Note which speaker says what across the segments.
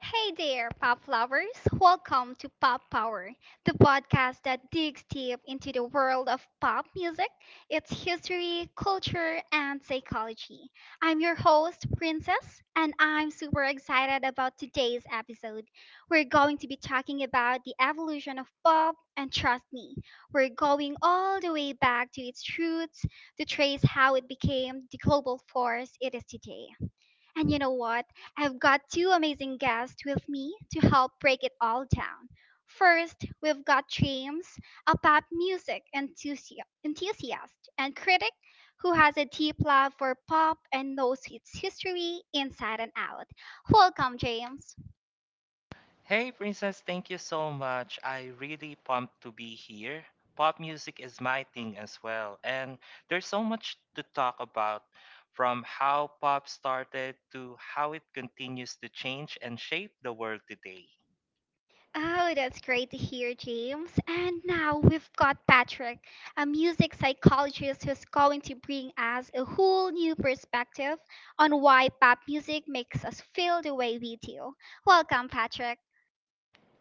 Speaker 1: Hey there, pop lovers! Welcome to Pop Power, the podcast that digs deep into the world of pop music, its history, culture, and psychology. I'm your host, Princess, and I'm super excited about today's episode. We're going to be talking about the evolution of pop, and trust me, we're going all the way back to its roots to trace how it became the global force it is today. And you know what? I've got two amazing guests with me to help break it all down. First, we've got James, a enthusiast and critic who has a deep love for pop and knows its history inside and out. Welcome, James.
Speaker 2: Hey, Princess, thank you so much. I really pumped to be here. Pop music is my thing as well, and there's so much to talk about from how pop started to how it continues to change and shape the world today.
Speaker 1: Oh, that's great to hear, James. And now we've got Patrick, a music psychologist who's going to bring us a whole new perspective on why pop music makes us feel the way we do. Welcome, Patrick.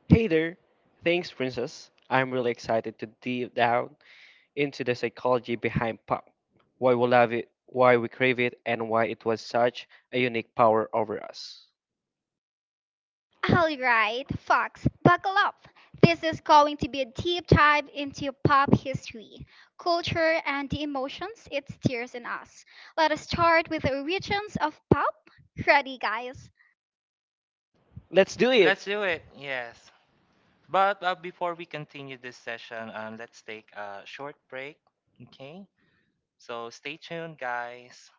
Speaker 3: Hey there! Thanks, Princess. I'm really excited to deep down into the psychology behind pop, why we love it, why we crave it, and why it was such a unique power over us.
Speaker 1: All right, Fox, buckle up. This is going to be a deep dive into pop history, culture, and the emotions it stirs in us. Let us start with the origins of pop. Ready, guys?
Speaker 3: Let's do it!
Speaker 2: Let's do it, yes. But before we continue this session, let's take a short break, okay? So stay tuned, guys.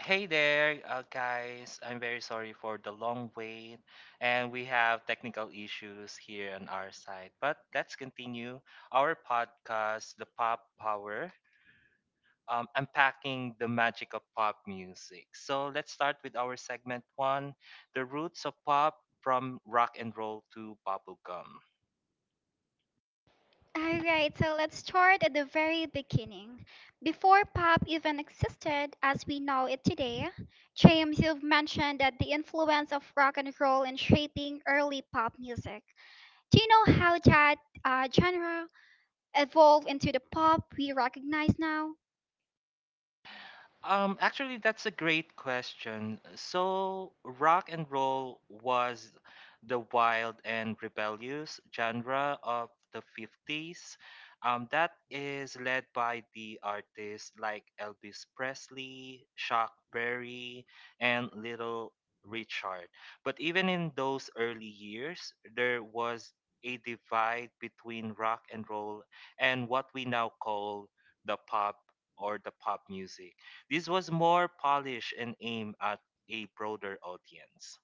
Speaker 2: Hey there, guys. I'm very sorry for the long wait, and we have technical issues here on our side. But let's continue our podcast, The Pop Power, unpacking the magic of pop music. So let's start with our segment one, The Roots of Pop from Rock and Roll to Bubblegum.
Speaker 1: All right, so let's start at the very beginning. Before pop even existed as we know it today, James, you've mentioned that the influence of rock and roll in shaping early pop music. Do you know how that genre evolved into the pop we recognize now?
Speaker 2: Actually, that's a great question. So, rock and roll was the wild and rebellious genre of the 50s. That is led by the artists like Elvis Presley, Chuck Berry, and Little Richard. But even in those early years, there was a divide between rock and roll and what we now call the pop or the pop music. This was more polished and aimed at a broader audience.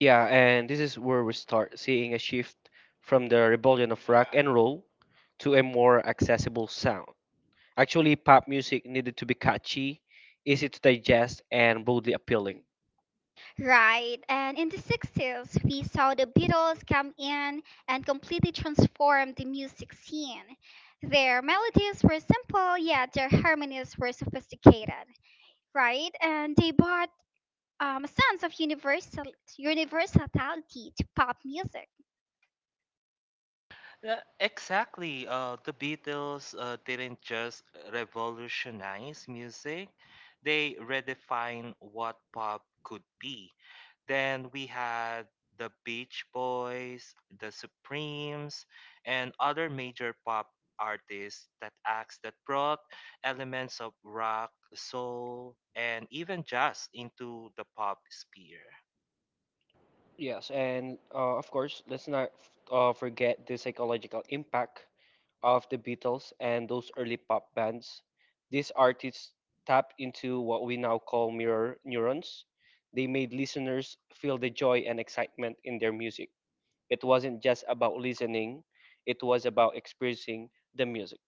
Speaker 3: Yeah, and this is where we start seeing a shift from the rebellion of rock and roll to a more accessible sound. Actually, pop music needed to be catchy, easy to digest, and broadly appealing.
Speaker 1: Right, and in the 60s, we saw the Beatles come in and completely transform the music scene. Their melodies were simple, yet their harmonies were sophisticated, right? And they brought a sense of universality to pop music.
Speaker 2: Yeah, exactly. The Beatles didn't just revolutionize music, they redefined what pop could be. Then we had the Beach Boys, the Supremes, and other major pop artists that acts that brought elements of rock, soul, and even jazz into the pop sphere.
Speaker 3: Yes, and of course, let's not forget the psychological impact of the Beatles and those early pop bands. These artists tapped into what we now call mirror neurons. They made listeners feel the joy and excitement in their music. It wasn't just about listening, it was about experiencing the music.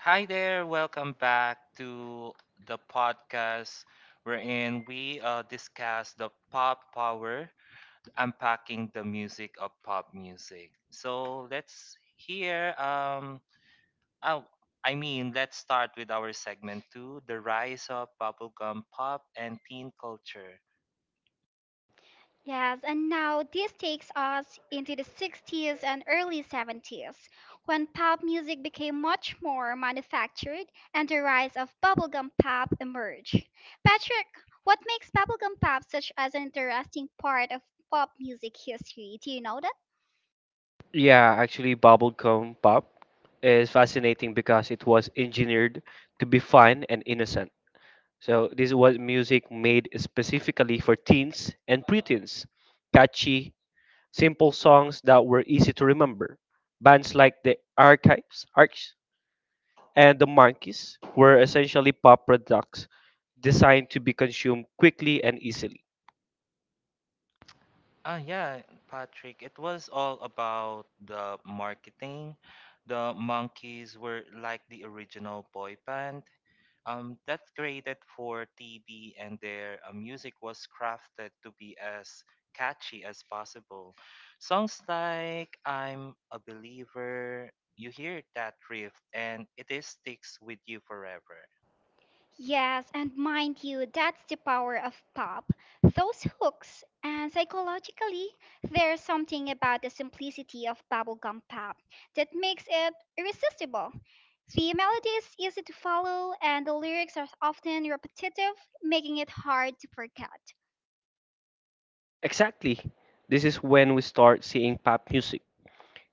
Speaker 2: Hi there, welcome back to the podcast wherein we discuss the pop power, unpacking the music of pop music. So let's hear, oh, let's start with our segment two, the rise of bubblegum pop and teen culture.
Speaker 1: Yes, and now this takes us into the 60s and early 70s, when pop music became much more manufactured and the rise of bubblegum pop emerged. Patrick, what makes bubblegum pop such as an interesting part of pop music history? Do you know?
Speaker 3: Yeah, actually, bubblegum pop is fascinating because it was engineered to be fun and innocent. So this was music made specifically for teens and preteens. Catchy, simple songs that were easy to remember. Bands like the Archives, Arcs, and the Monkeys were essentially pop products designed to be consumed quickly and easily.
Speaker 2: Ah, yeah, Patrick, it was all about the marketing. The monkeys were like the original boy band. That's created for TV, and their music was crafted to be as catchy as possible. Songs like I'm a Believer, you hear that riff, and it is sticks with you forever.
Speaker 1: Yes, and mind you, that's the power of pop. Those hooks. And psychologically, there's something about the simplicity of bubblegum pop that makes it irresistible. The melody is easy to follow, and the lyrics are often repetitive, making it hard to forget.
Speaker 3: Exactly. This is when we start seeing pop music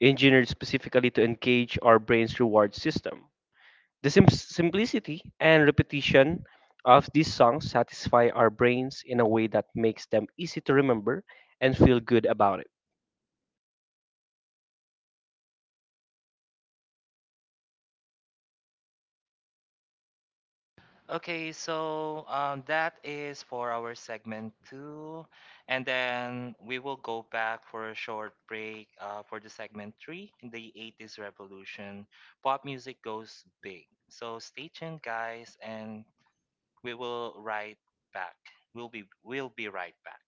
Speaker 3: engineered specifically to engage our brain's reward system. The simplicity and repetition of these songs satisfy our brains in a way that makes them easy to remember and feel good about it.
Speaker 2: Okay, so that is for our segment two, and then we will go back for a short break for the segment three, the 80s revolution. Pop music goes big. So stay tuned, guys, and we will right back. We'll be right back.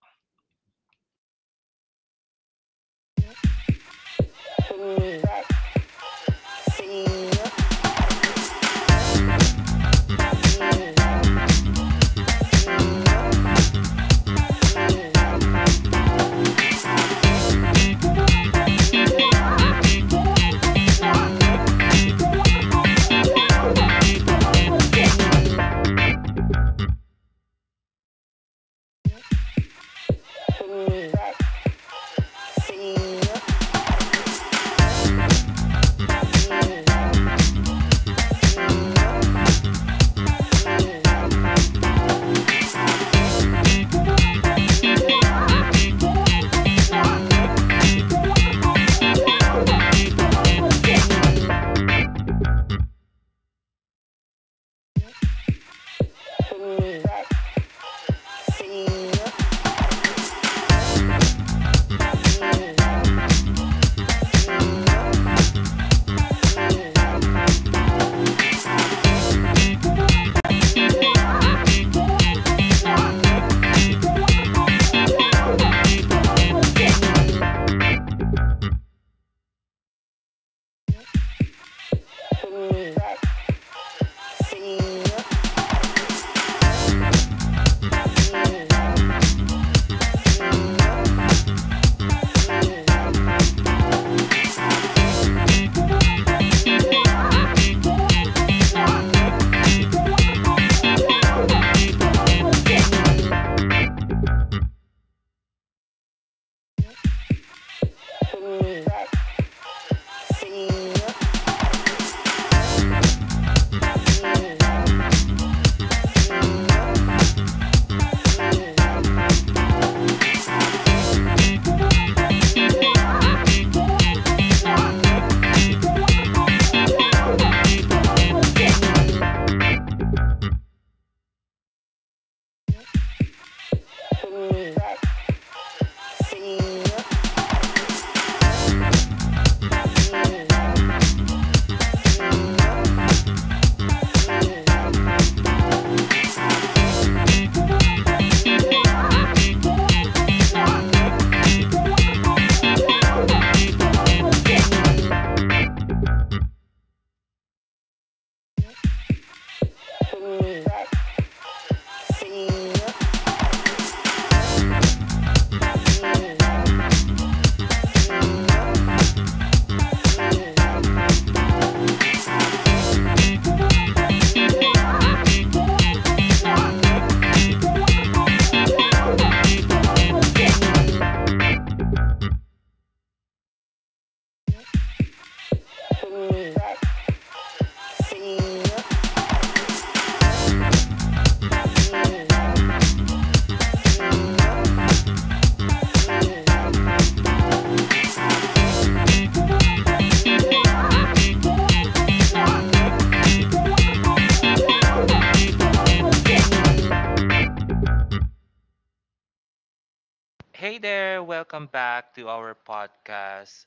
Speaker 2: Hey there, welcome back to our podcast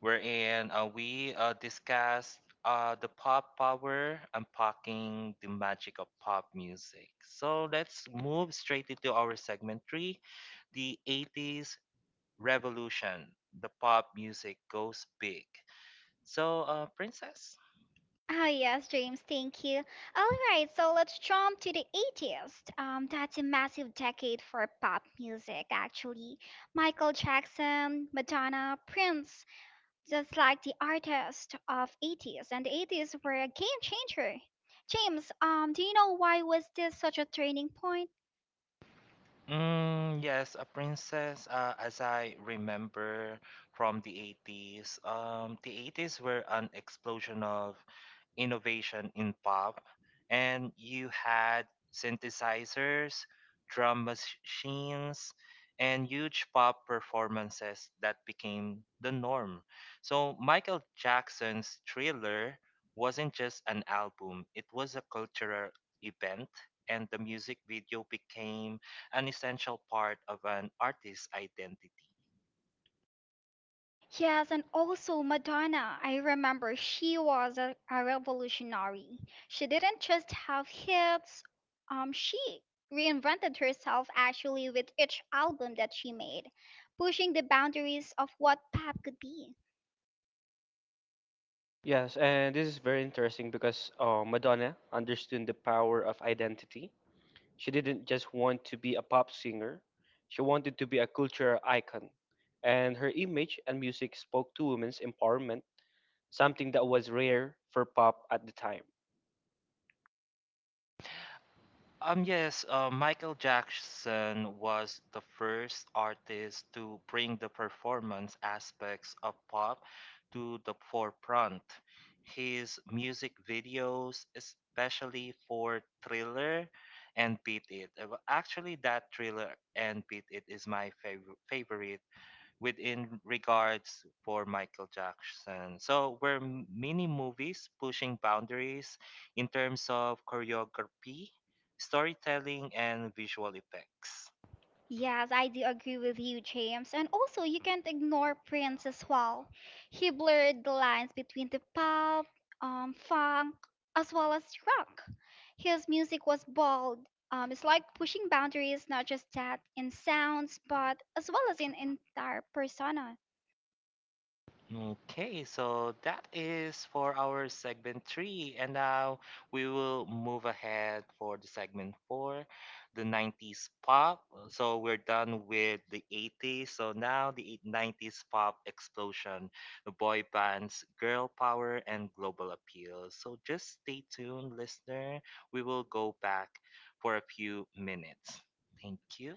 Speaker 2: wherein we discuss the pop power, unpacking the magic of pop music. So let's move straight into our segment three, the 80s revolution. The pop music goes big. So, Princess?
Speaker 1: Ah, yes, James, thank you. All right, so let's jump to the 80s. That's a massive decade for pop music, actually. Michael Jackson, Madonna, Prince, just like the artists of 80s, and the 80s were a game changer. James, do you know why was this such a turning point?
Speaker 2: Mm, yes, a princess, as I remember from the 80s. The 80s were an explosion of innovation in pop, and you had synthesizers, drum machines, and huge pop performances that became the norm. So Michael Jackson's Thriller wasn't just an album, it was a cultural event, and the music video became an essential part of an artist's identity.
Speaker 1: Yes, and also Madonna. I remember she was a revolutionary. She didn't just have hits, she reinvented herself actually with each album that she made, pushing the boundaries of what pop could be.
Speaker 3: Yes, and this is very interesting because Madonna understood the power of identity. She didn't just want to be a pop singer, she wanted to be a cultural icon. And her image and music spoke to women's empowerment, something that was rare for pop at the time.
Speaker 2: Yes, Michael Jackson was the first artist to bring the performance aspects of pop to the forefront. His music videos, especially for Thriller and Beat It, that Thriller and Beat It is my favorite within regards for Michael Jackson. So were many movies pushing boundaries in terms of choreography, storytelling, and visual effects.
Speaker 1: Yes, I do agree with you, James. And also, you can't ignore Prince as well. He blurred the lines between the pop, funk, as well as rock. His music was bold. It's like pushing boundaries, not just that in sounds, but as well as in entire persona.
Speaker 2: Okay, so that is for our segment three, and now we will move ahead for the segment four, the 90s pop. So we're done with the 80s, so now the 90s pop explosion, the boy bands, girl power, and global appeal. So just stay tuned, listener. We will go back for a few minutes. Thank you.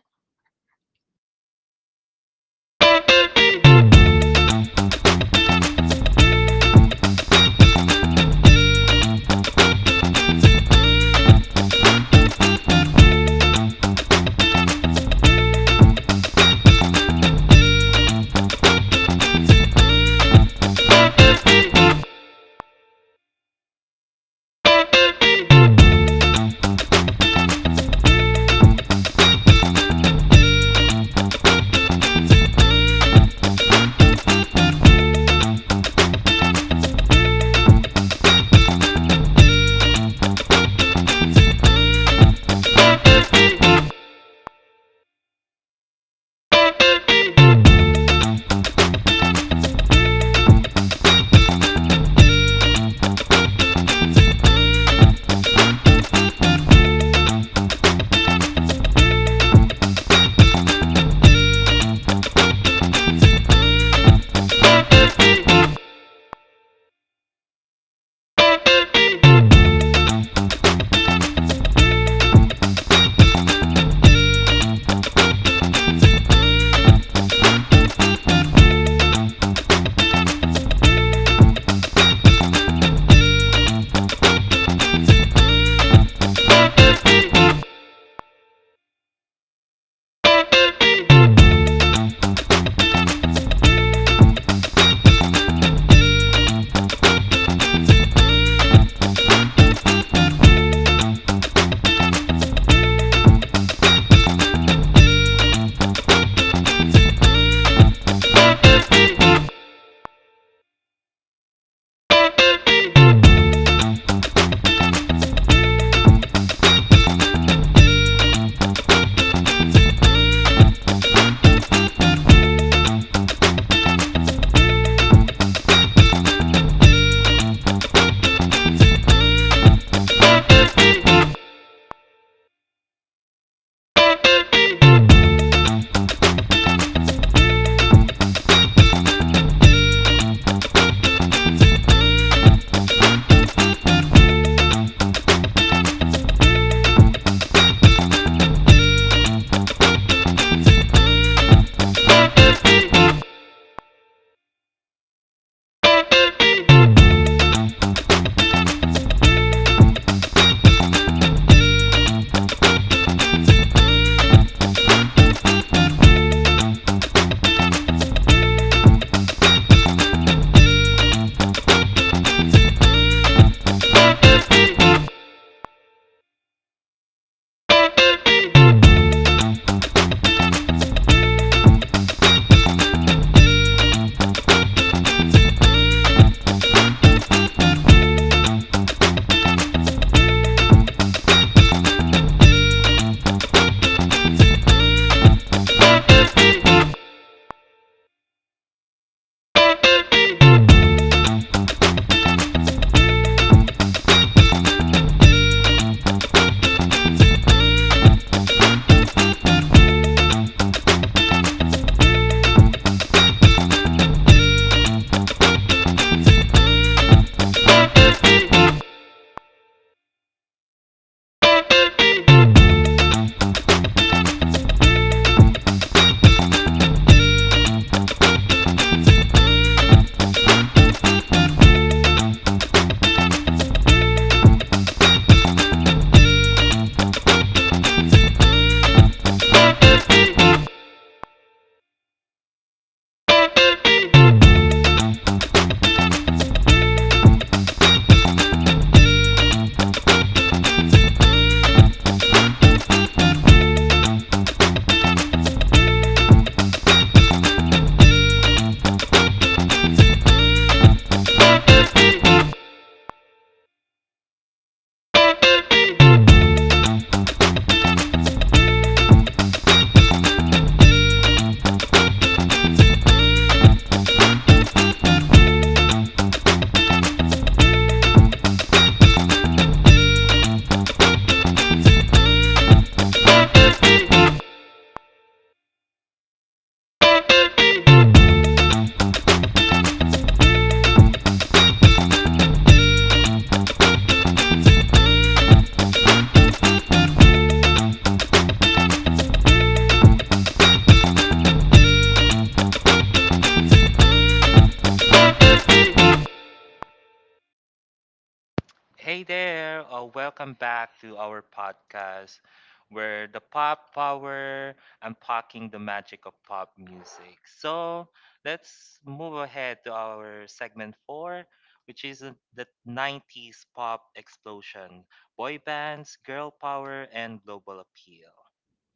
Speaker 2: Hey there, welcome back to our podcast where the pop power unpacking the magic of pop music. So let's move ahead to our segment four, which is the 90s pop explosion, boy bands, girl power, and global appeal.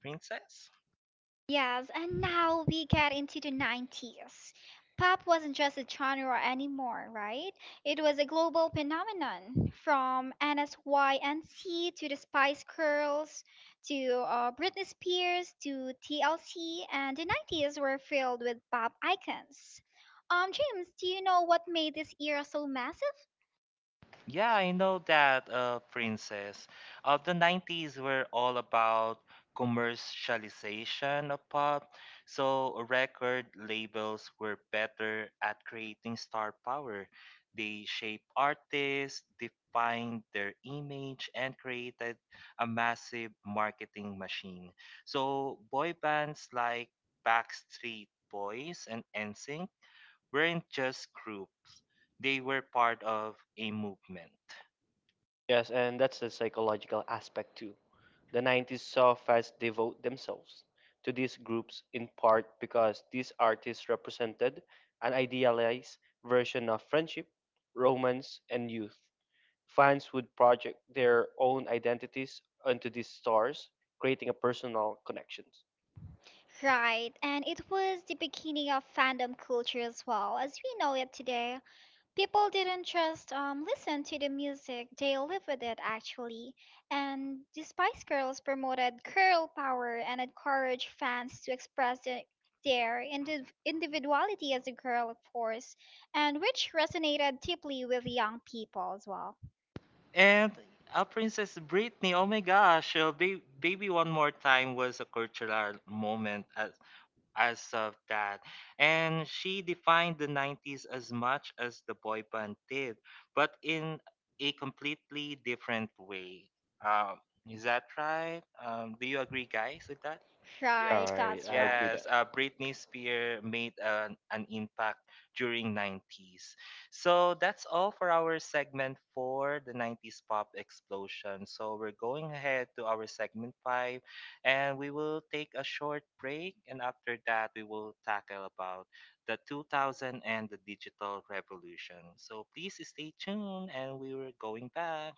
Speaker 2: Princess?
Speaker 1: Yes, and now we get into the 90s. Pop wasn't just a genre anymore, right? It was a global phenomenon from NSYNC to the Spice Girls to Britney Spears to TLC, and the 90s were filled with pop icons. James, do you know what made this era so massive?
Speaker 2: Yeah, I know that, Princess. The 90s were all about commercialization of pop, so record labels were better at creating star power. They shaped artists, defined their image, and created a massive marketing machine. So boy bands like Backstreet Boys and NSYNC weren't just groups, they were part of a movement.
Speaker 3: Yes, and that's the psychological aspect too. The 90s saw fans devote themselves to these groups in part because these artists represented an idealized version of friendship, romance, and youth. Fans would project their own identities onto these stars, creating a personal connection.
Speaker 1: Right, and it was the beginning of fandom culture as well as we know it today. People didn't just listen to the music, they lived with it actually. And the Spice Girls promoted girl power and encouraged fans to express their individuality as a girl, of course, and which resonated deeply with young people as well.
Speaker 2: And Princess Britney, oh my gosh, Baby One More Time was a cultural moment as of that. And she defined the 90s as much as the boy band did, but in a completely different way. Um, is that right? Do you agree, guys, with that?
Speaker 3: All
Speaker 1: Right,
Speaker 3: right,
Speaker 1: that's
Speaker 3: I
Speaker 1: right.
Speaker 3: agree that.
Speaker 2: Yes, Britney Spears made an impact during 90s. So that's all for our segment for the 90s pop explosion. So we're going ahead to our segment 5 and we will take a short break, and after that we will tackle about the 2000 and the digital revolution. So please stay tuned and we were going back.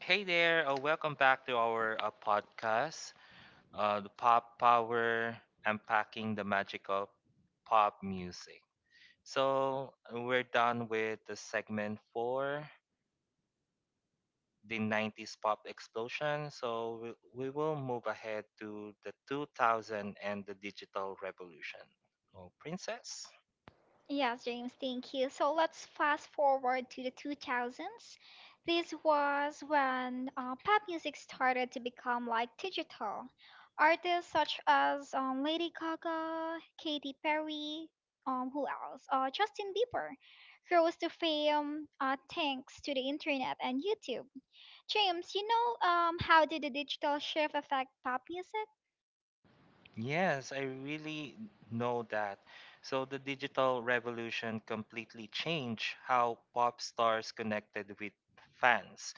Speaker 2: Hey there, welcome back to our podcast. The pop power, unpacking the magic of pop music. So we're done with the segment for the 90s pop explosion. So we will move ahead to the 2000 and the digital revolution. Oh, princess?
Speaker 1: Yes, James, thank you. So let's fast forward to the 2000s. This was when pop music started to become like digital. Artists such as Lady Gaga, Katy Perry, who else? Justin Bieber rose to fame thanks to the internet and YouTube. James, you know, how did the digital shift affect pop music?
Speaker 2: Yes, I really know that. So the digital revolution completely changed how pop stars connected with fans.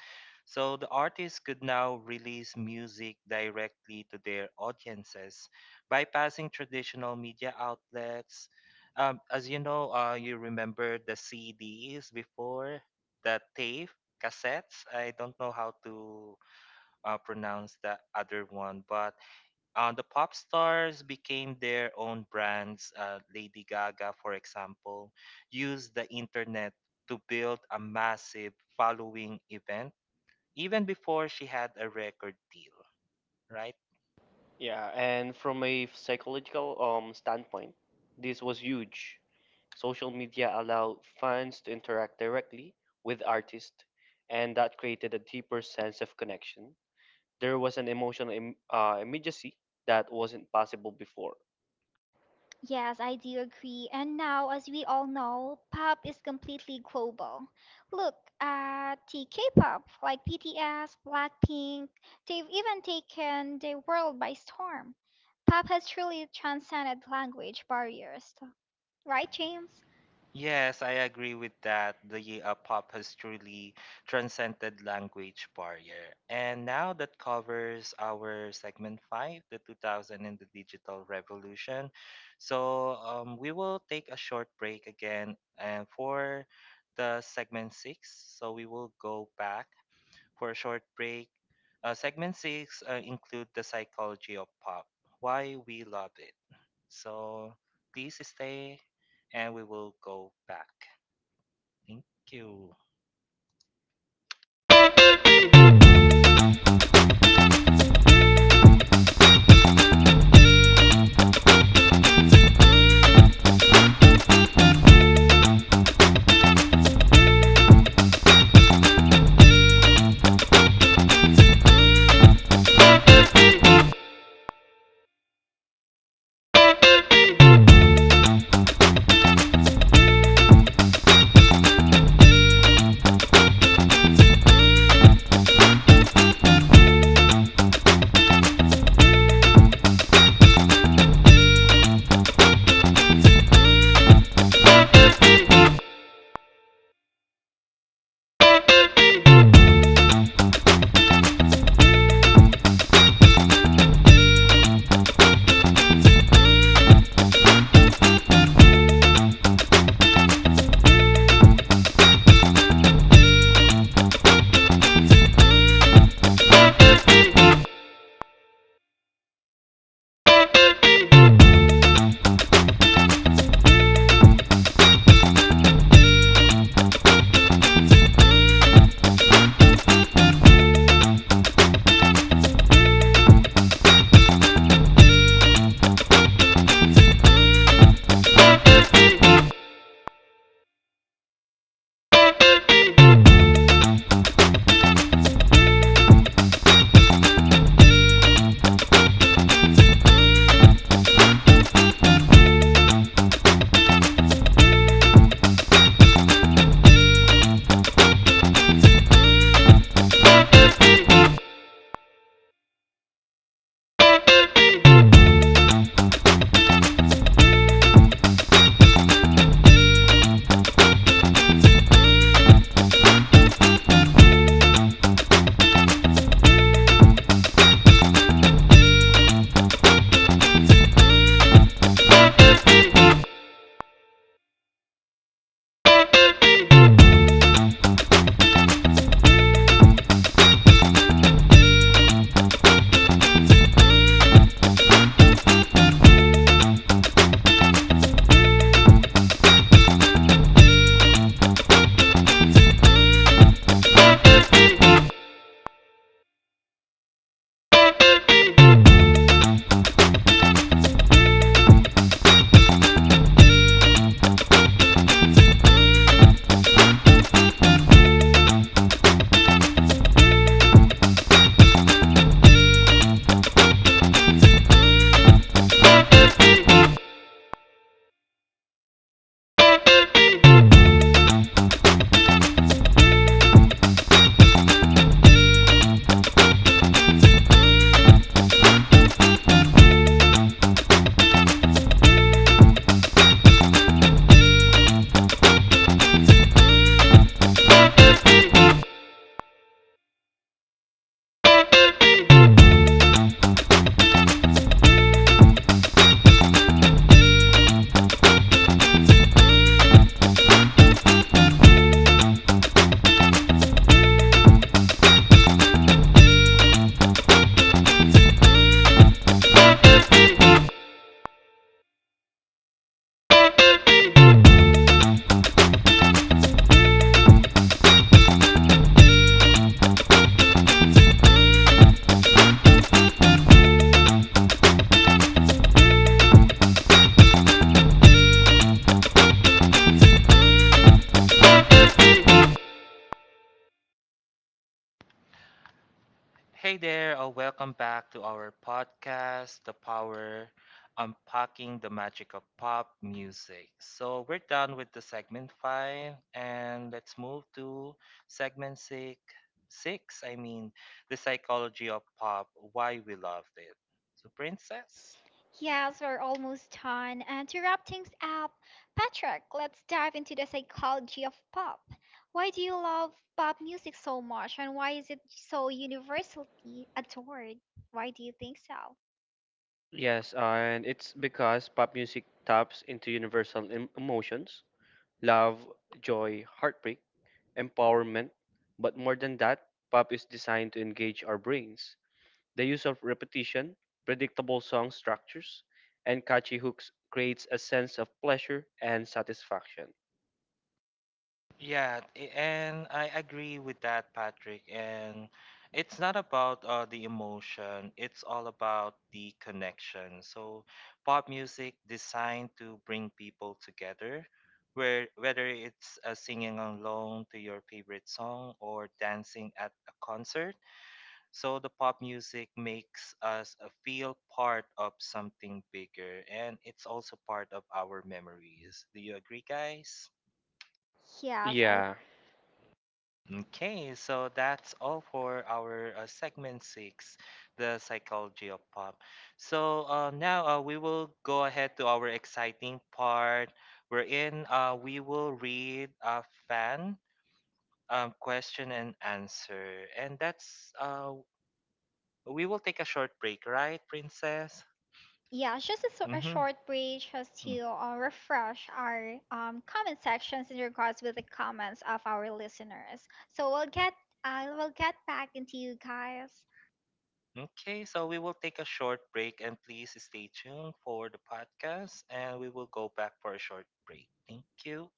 Speaker 2: So the artists could now release music directly to their audiences, bypassing traditional media outlets. As you know, you remember the CDs before, the tape, cassettes. I don't know how to pronounce the other one, but the pop stars became their own brands. Lady Gaga, for example, used the internet to build a massive following event even before she had a record deal, right?
Speaker 3: Yeah, and from a psychological standpoint, this was huge. Social media allowed fans to interact directly with artists, and that created a deeper sense of connection. There was an emotional immediacy that wasn't possible before.
Speaker 1: Yes, I do agree. And now, as we all know, pop is completely global. Look at the K-pop, like BTS, Blackpink, they've even taken the world by storm. Pop has truly transcended language barriers, right, James?
Speaker 2: Yes, I agree with that. The pop has truly transcended language barrier. And now that covers our segment five, the 2000 and the digital revolution. So we will take a short break again and for the segment six. So we will go back for a short break. Segment six include the psychology of pop, why we love it. So please stay and we will go back. Thank you. Hey there, welcome back to our podcast, The Power Unpacking the Magic of Pop Music. So we're done with the segment five and let's move to segment six six, I mean the psychology of pop, why we loved it. So princess?
Speaker 1: Yes, we're almost done. And to wrap things up, Patrick, let's dive into the psychology of pop. Why do you love pop music so much, and why is it so universally adored? Why do you think so?
Speaker 3: Yes, and it's because pop music taps into universal emotions, love, joy, heartbreak, empowerment. But more than that, pop is designed to engage our brains. The use of repetition, predictable song structures, and catchy hooks creates a sense of pleasure and satisfaction.
Speaker 2: And I agree with that, Patrick. And it's not about the emotion, it's all about the connection. So, pop music designed to bring people together, where whether it's singing along to your favorite song or dancing at a concert. So, the pop music makes us feel part of something bigger, and it's also part of our memories. Do you agree, guys?
Speaker 1: Yes, I.
Speaker 3: Yeah,
Speaker 2: Okay, so that's all for our segment six, the psychology of pop. So now we will go ahead to our exciting part wherein we will read a fan question and answer. And that's, we will take a short break, right, Princess?
Speaker 1: Yeah, yeah, just a
Speaker 2: Mm-hmm.
Speaker 1: short break just to refresh our comment sections in regards with the comments of our listeners. So we'll get I will get back into you guys.
Speaker 2: Okay, so we will take a short break and please stay tuned for the podcast and we will go back for a short break. Thank you.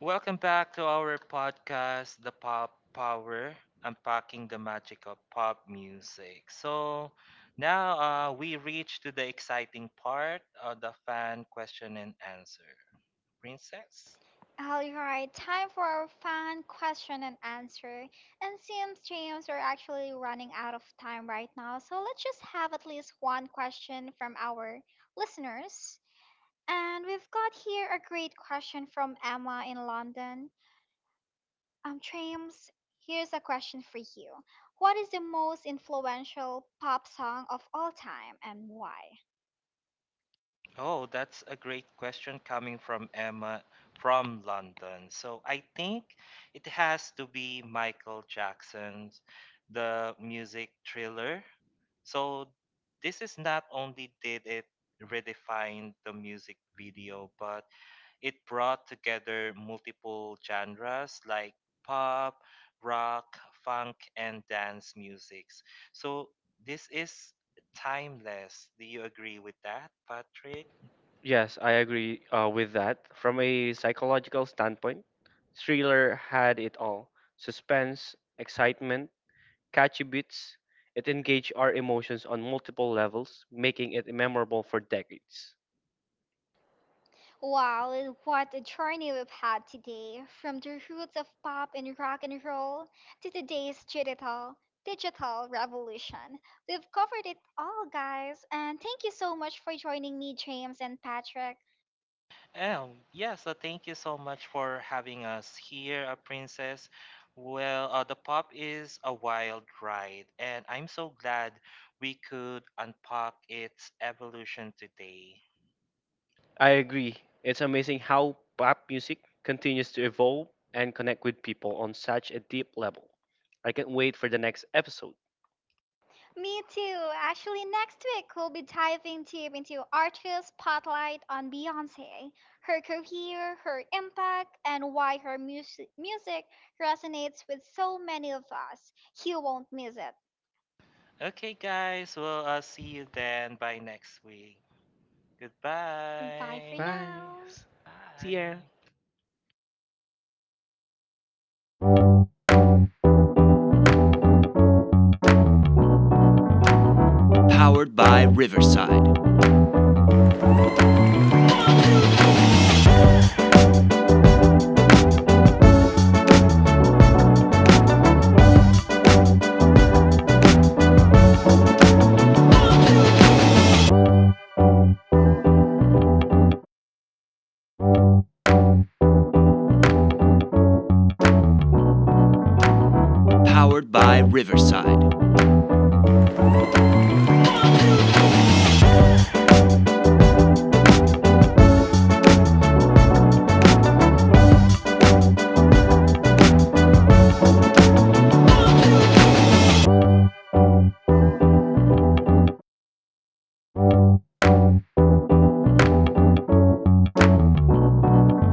Speaker 2: Welcome back to our podcast, The Pop Power, Unpacking the Magic of Pop Music. So now we reach to the exciting part of the fan question and answer. Princess?
Speaker 1: All right, time for our fun question and answer. And since James, we're actually running out of time right now, so let's just have at least one question from our listeners. And we've got here a great question from Emma in London. James, here's a question for you. What is the most influential pop song of all time and why?
Speaker 2: Oh, that's a great question coming from Emma from London. So I think it has to be Michael Jackson's The Music Thriller. So this is not only did it redefine the music video, but it brought together multiple genres like pop, rock, funk, and dance musics. So this is timeless. Do you agree with that, Patrick?
Speaker 3: yes, I agree with that. From a psychological standpoint, Thriller had it all: suspense, excitement, catchy beats. It engaged our emotions on multiple levels, making it memorable for decades.
Speaker 1: Wow, and what a journey we've had today. From the roots of pop and rock and roll to today's digital revolution. We've covered it all, guys, and thank you so much for joining me, James and Patrick.
Speaker 2: Thank you so much for having us here, Princess. Well, the pop is a wild ride, and I'm so glad we could unpack its evolution today.
Speaker 3: I agree. It's amazing how pop music continues to evolve and connect with people on such a deep level. I can't wait for the next episode.
Speaker 1: Me too. Actually, next week we'll be diving deep into artist spotlight on Beyoncé, her career, her impact, and why her music resonates with so many of us. You won't miss it.
Speaker 2: Okay, guys, well, I'll see you then by next week.
Speaker 1: Goodbye
Speaker 2: Goodbye.
Speaker 1: for
Speaker 3: Bye.
Speaker 1: now.
Speaker 3: S- See
Speaker 2: Bye.
Speaker 3: ya.